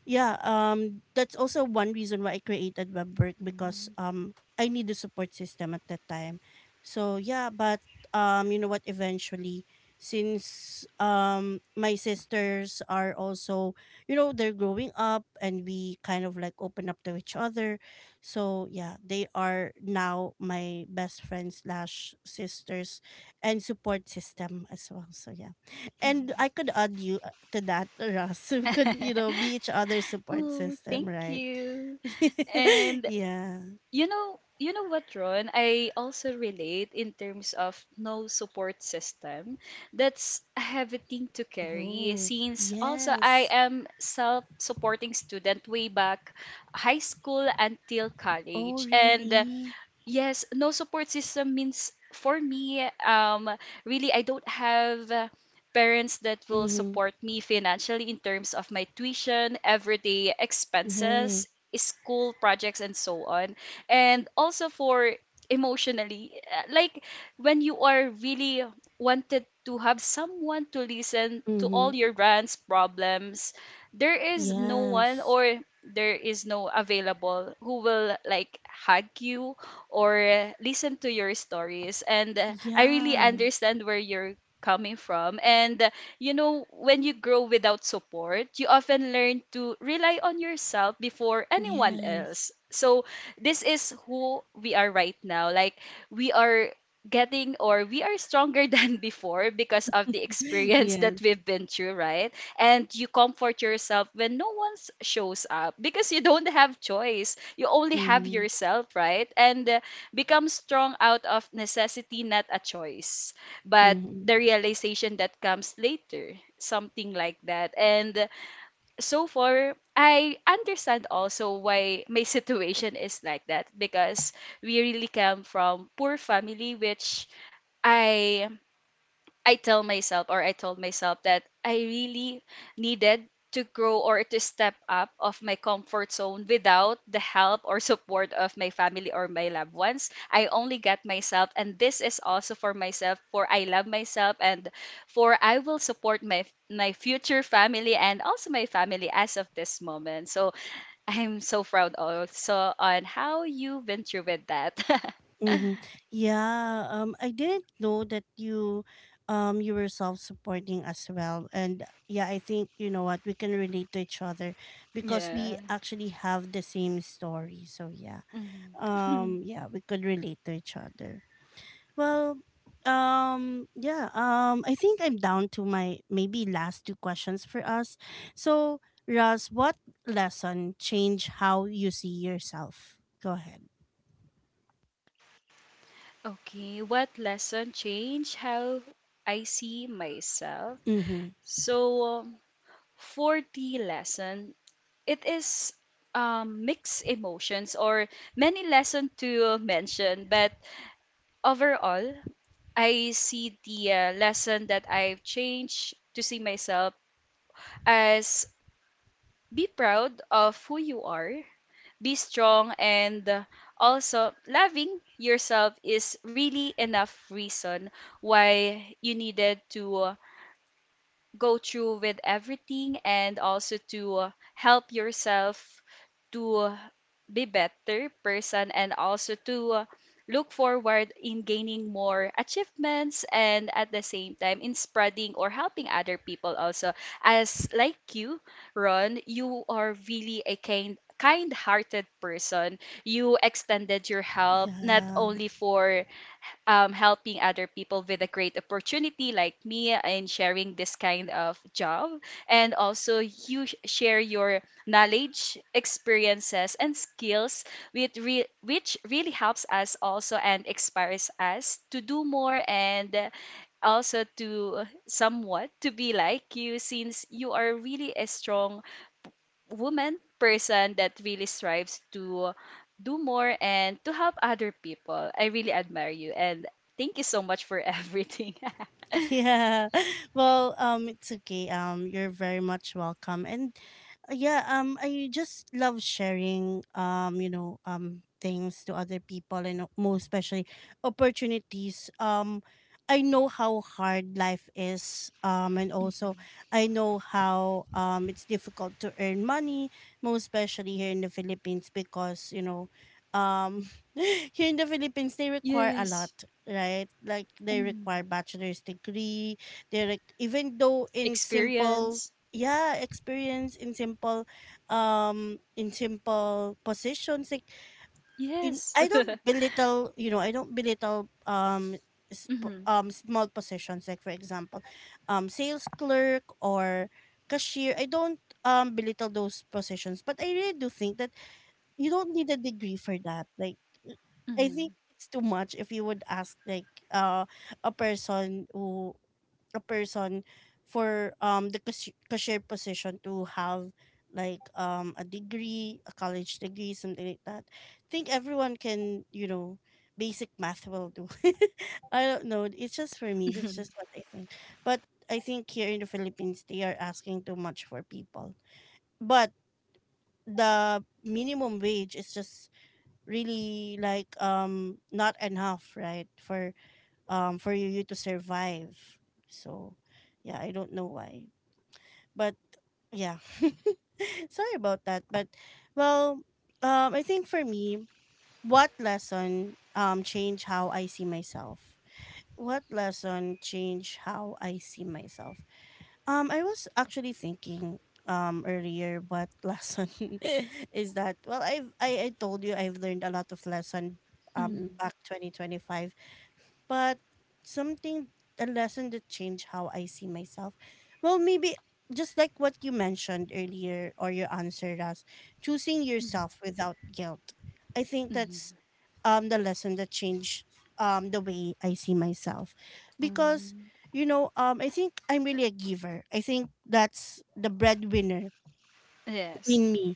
Yeah, that's also one reason why I created WebWork, because Mm, I need a support system at that time. So yeah, but you know what, eventually, since my sisters are also, you know, they're growing up, and we kind of like open up to each other. So yeah, they are now my best friends/sisters and support system as well. So yeah. And mm. I could add you, to that, Russ. (laughs) We could, you (laughs) know, be each other's support Oh, system, thank right? you. (laughs) And Yeah. you know, you know what, Ron? I also relate in terms of no support system. That's a heavy thing to carry, Oh, since also I yes. am self-supporting student way back high school until Oh, college. And really? yes, no support system means for me, really, I don't have parents that will Mm-hmm. support me financially in terms of my tuition, everyday Right. expenses, school projects, and so on. And also for emotionally, like when you are really wanted to have someone to listen to Mm-hmm. all your rants, problems, there is no one, Yes. or there is no available who will like hug you or listen to your stories. And I really Yeah. understand where you're coming from. And you know, when you grow without support, you often learn to rely on yourself before anyone Yes. else. So this is who we are right now. Like we are getting, or we are stronger (laughs) than before because of the (laughs) experience Yes. that we've been through, right? And you comfort yourself when no one shows up because you don't have choice. You only have Mm-hmm. yourself, right? And become strong out of necessity, not a choice, but Mm-hmm. the realization that comes later, something like that. And so far, I understand also why my (laughs) situation is like that, because we really come from poor family, which I I tell myself, or I told myself, that I really needed to grow or to step up of my comfort zone without the help or support of my family or my loved ones. I only got myself, and this is also for myself, for I love myself, and for I will support my future family and also my family as of this moment. So (laughs) I'm so proud also on how you've been through with that. Mm-hmm. Yeah, I didn't know that you were self-supporting as well, and yeah, I think, you know what, we can relate to each other (laughs) because we yeah. actually have the same story. So yeah, Mhm. (laughs) Yeah, we could relate to each other. Well, yeah, I think I'm down to my maybe last two questions for us. So, Russ, what lesson changed how you see yourself? Go ahead. Okay, what lesson changed how I see myself? Mm-hmm. So, for the lesson, it is mixed emotions or many lesson to mention, but overall, I see the lesson that I've changed to see myself as, be proud of who you are, be strong, and also loving yourself is really enough reason why you needed to go through with everything, and also to help yourself to be better person, and also to look forward in gaining more achievements and at the same time in spreading or helping other people also. As like you, Ron, you are really a kind, kind-hearted person. You extended your help not Yeah. only for helping other people with a great opportunity like me in sharing this kind of job. And also, you share your knowledge, experiences, and skills, with which really helps us also and inspires us to do more, and also to somewhat to be like you, since you are really a strong woman person that really strives to do more and to help other people. I really admire you and thank you so much for (laughs) everything. Yeah. (laughs) Well, it's okay. You're very much welcome. And yeah, I just love sharing, things to other people, and most especially opportunities. I know how hard life is. And also, Mhm. I know how it's difficult to earn money, most especially here in the Philippines because, you know, um, (laughs) here in the Philippines they require a lot, Yes. right? Like, they require Mm. bachelor's degree. Even though in simple, Experience. yeah, experience in simple positions. Like, Yes. I (laughs) don't belittle, you know, I don't belittle, Hmm. Small positions. Like, for example, sales clerk or cashier. I don't belittle those positions, but I really do think that you don't need a degree for that. Like, uh, I think Hmm. it's too much if you would ask like a person a person for the cashier position to have like a degree, a college degree, something like that. I think everyone can, you know, basic math will do. (laughs) I don't know. It's just for me. That's Mhm. just what I think. But I think here in the Philippines they are asking too much for people. But the minimum wage is just really like not enough, right, for you to survive, so yeah, I don't know why, but yeah. (laughs) Sorry about that, but well, I think for me, what lesson changed how I see myself, what lesson changed how I see myself? I was actually thinking earlier what (laughs) lesson is that? Well, I told you I've learned a lot of lesson Mm, back 2025, but something, a lesson that changed how I see myself. Well, maybe, just like what you mentioned earlier or you answered us, choosing mm, yourself without guilt. I think that's mm, the lesson that changed the way I see myself. Because, mm. you know, I think I'm really a giver. I think that's the breadwinner Yes. in me.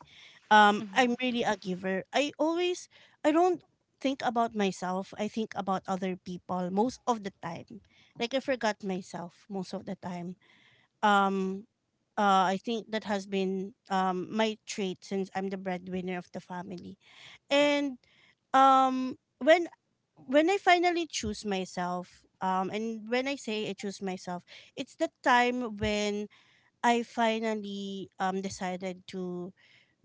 I'm Mm, really a giver. I don't think about myself. I think about other people most of the time. Like, I forgot myself most of the time. Um, I think that has been my trait since I'm the breadwinner of the family. And um when when I finally choose myself, and when I say I choose myself, it's the time when I finally decided to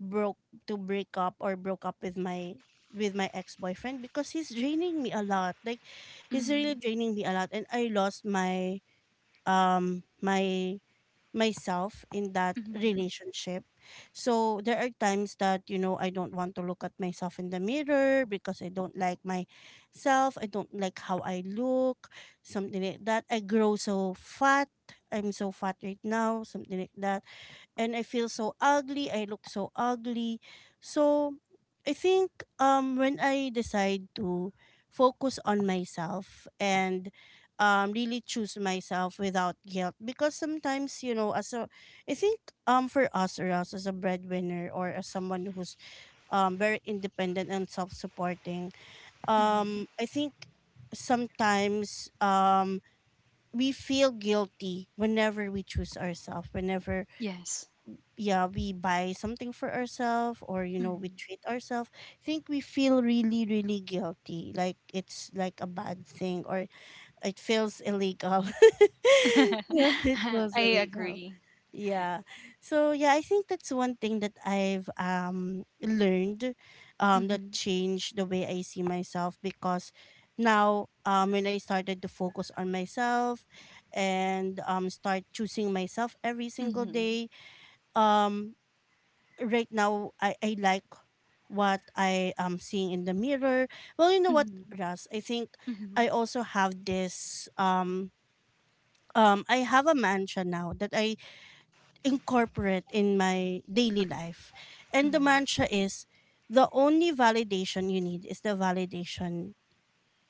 broke to break up or broke up with my ex-boyfriend because he's draining me a lot, like he's really mm, draining me a lot, and I lost my my myself in that mm, relationship. So there are times that, you know, I don't want to look at myself in the mirror because I don't like myself, I don't like how I look, something like that. I grow so fat, I'm so fat right now, something like that. And I feel so ugly, I look so ugly. So I think when I decide to focus on myself and really choose myself without guilt, because sometimes, you know, as a I think for us as a breadwinner or as someone who's very independent and self-supporting, mm. I think sometimes we feel guilty whenever we choose ourselves, whenever, Yes. yeah, we buy something for ourselves, or you know, we Mm. treat ourselves. I think we feel really, really guilty, like it's like a bad thing or it feels illegal. (laughs) (laughs) Yeah, it feels I illegal. agree. Yeah, so yeah, I think that's one thing that I've learned, that Mm-hmm. changed the way I see myself. Because now when I started to focus on myself and start choosing myself every single Mm-hmm. day, um right now I like what I am seeing in the mirror. Well, you know what, Mm-hmm. Ras, I think Mm-hmm. I also have this, I have a mantra now that I incorporate in my daily life. And the mantra is, the only validation you need is the validation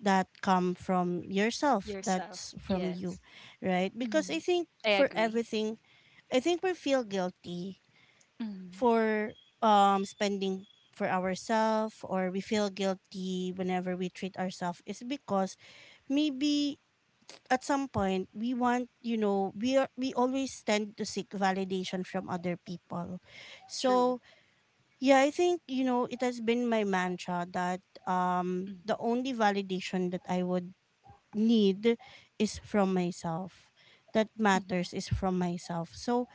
that come from yourself, Yourself. that's from you, Yes. right? Because I Mhm. think I for agree. everything, I think we feel guilty Mhm. for spending for ourselves or we feel guilty whenever we treat ourselves, is because maybe at some point we want, you know, we always tend to seek validation from other people. True. So yeah, I think, you know, it has been my mantra that the Mhm. only validation that I would need is from myself, that Mhm. matters, is from myself. So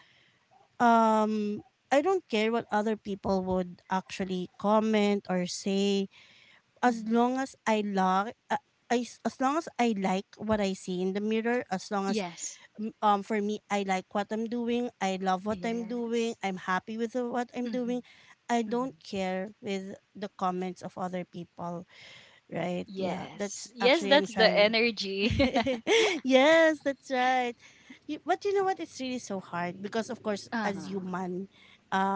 um I don't care what other people would actually comment or say, as Mhm. long as I like, as long as I like what I see in the mirror, as long as, Yes. For me, I like what I'm doing, I love what I'm doing, Yes. I'm happy with what I'm doing, Mhm. I don't Mhm. care with the comments of other people. Right. Yeah. That's Yes. Yes, actually I'm that's the trying. energy. (laughs) (laughs) Yes, that's right. But you know what? It's really so hard because, of course, as Ah. human,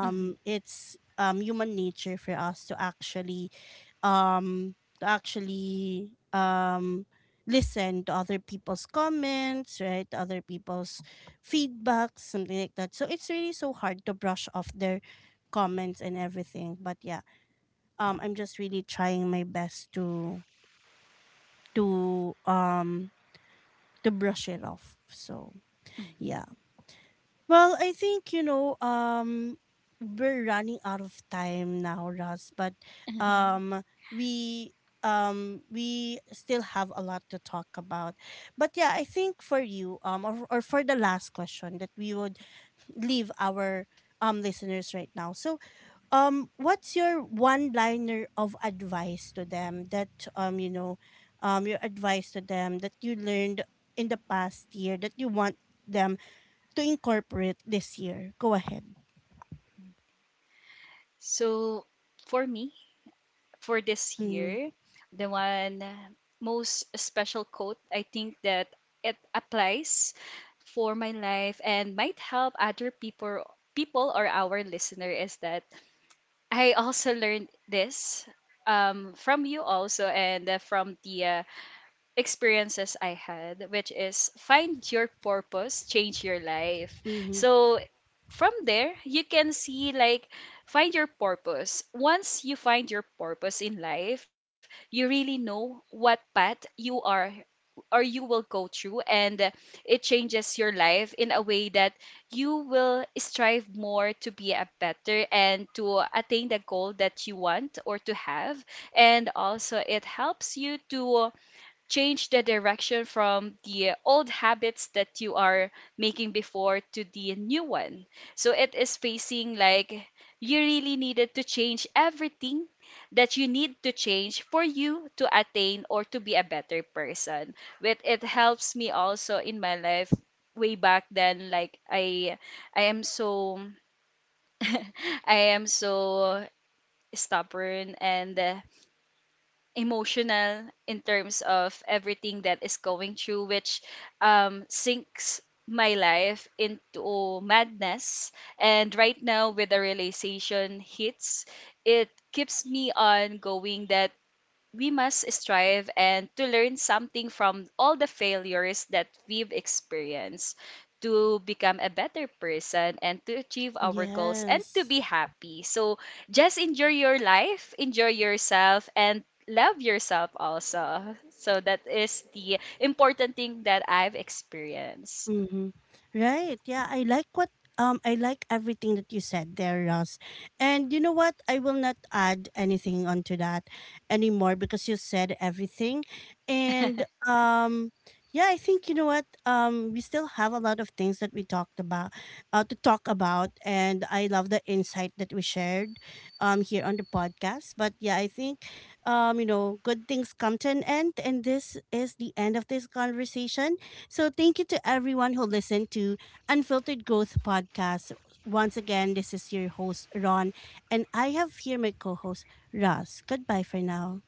Mhm. it's human nature for us to actually um to actually um listen to other people's comments, right? To other people's feedbacks, something like that. So it's really so hard to brush off their comments and everything. But yeah, I'm just really trying my best to um to brush it off, so Mhm. yeah. Well, I think, you know, we're running out of time now, Ross, but Mhm. (laughs) um we we still have a lot to talk about. But yeah, I think for you, or for the last question that we would leave our listeners right now. So, what's your one liner of advice to them that, you know, your advice to them that you learned in the past year that you want them to incorporate this year. Go ahead. So, for me, for this year, the one most special quote I think that it applies for my life and might help other people, people or our listener, is that I also learned this from you also and from the experiences I had, which is, find your purpose, change your life. Mm-hmm. So from there, you can see like, find your purpose. Once you find your purpose in life, you really know what path you are or you will go through, and it changes your life in a way that you will strive more to be a better and to attain the goal that you want or to have. And also it helps you to change the direction from the old habits that you are making before to the new one. So it is facing like you really needed to change everything that you need to change for you to attain or to be a better person. With it helps me also in my life way back then, like I am so (laughs) I am so stubborn and emotional in terms of everything that is going through, which sinks my life into madness. And right now, with the realization hits, it keeps me on going that we must strive and to learn something from all the failures that we've experienced to become a better person and to achieve our goals and to Yes. be happy. So just enjoy your life, enjoy yourself, and love yourself also. So that is the important thing that I've experienced. Mm-hmm. Right. Yeah, I like everything that you said there, Ross. And you know what? I will not add anything onto that anymore because you said everything. And yeah, I think, you know what, we still have a lot of things that we talked about to talk about, and I love the insight that we shared here on the podcast. But yeah, I think, you know, good things come to an end, and this is the end of this conversation. So thank you to everyone who listened to Unfiltered Growth Podcast. Once again, this is your host, Ron, and I have here my co host, Ross. Goodbye for now.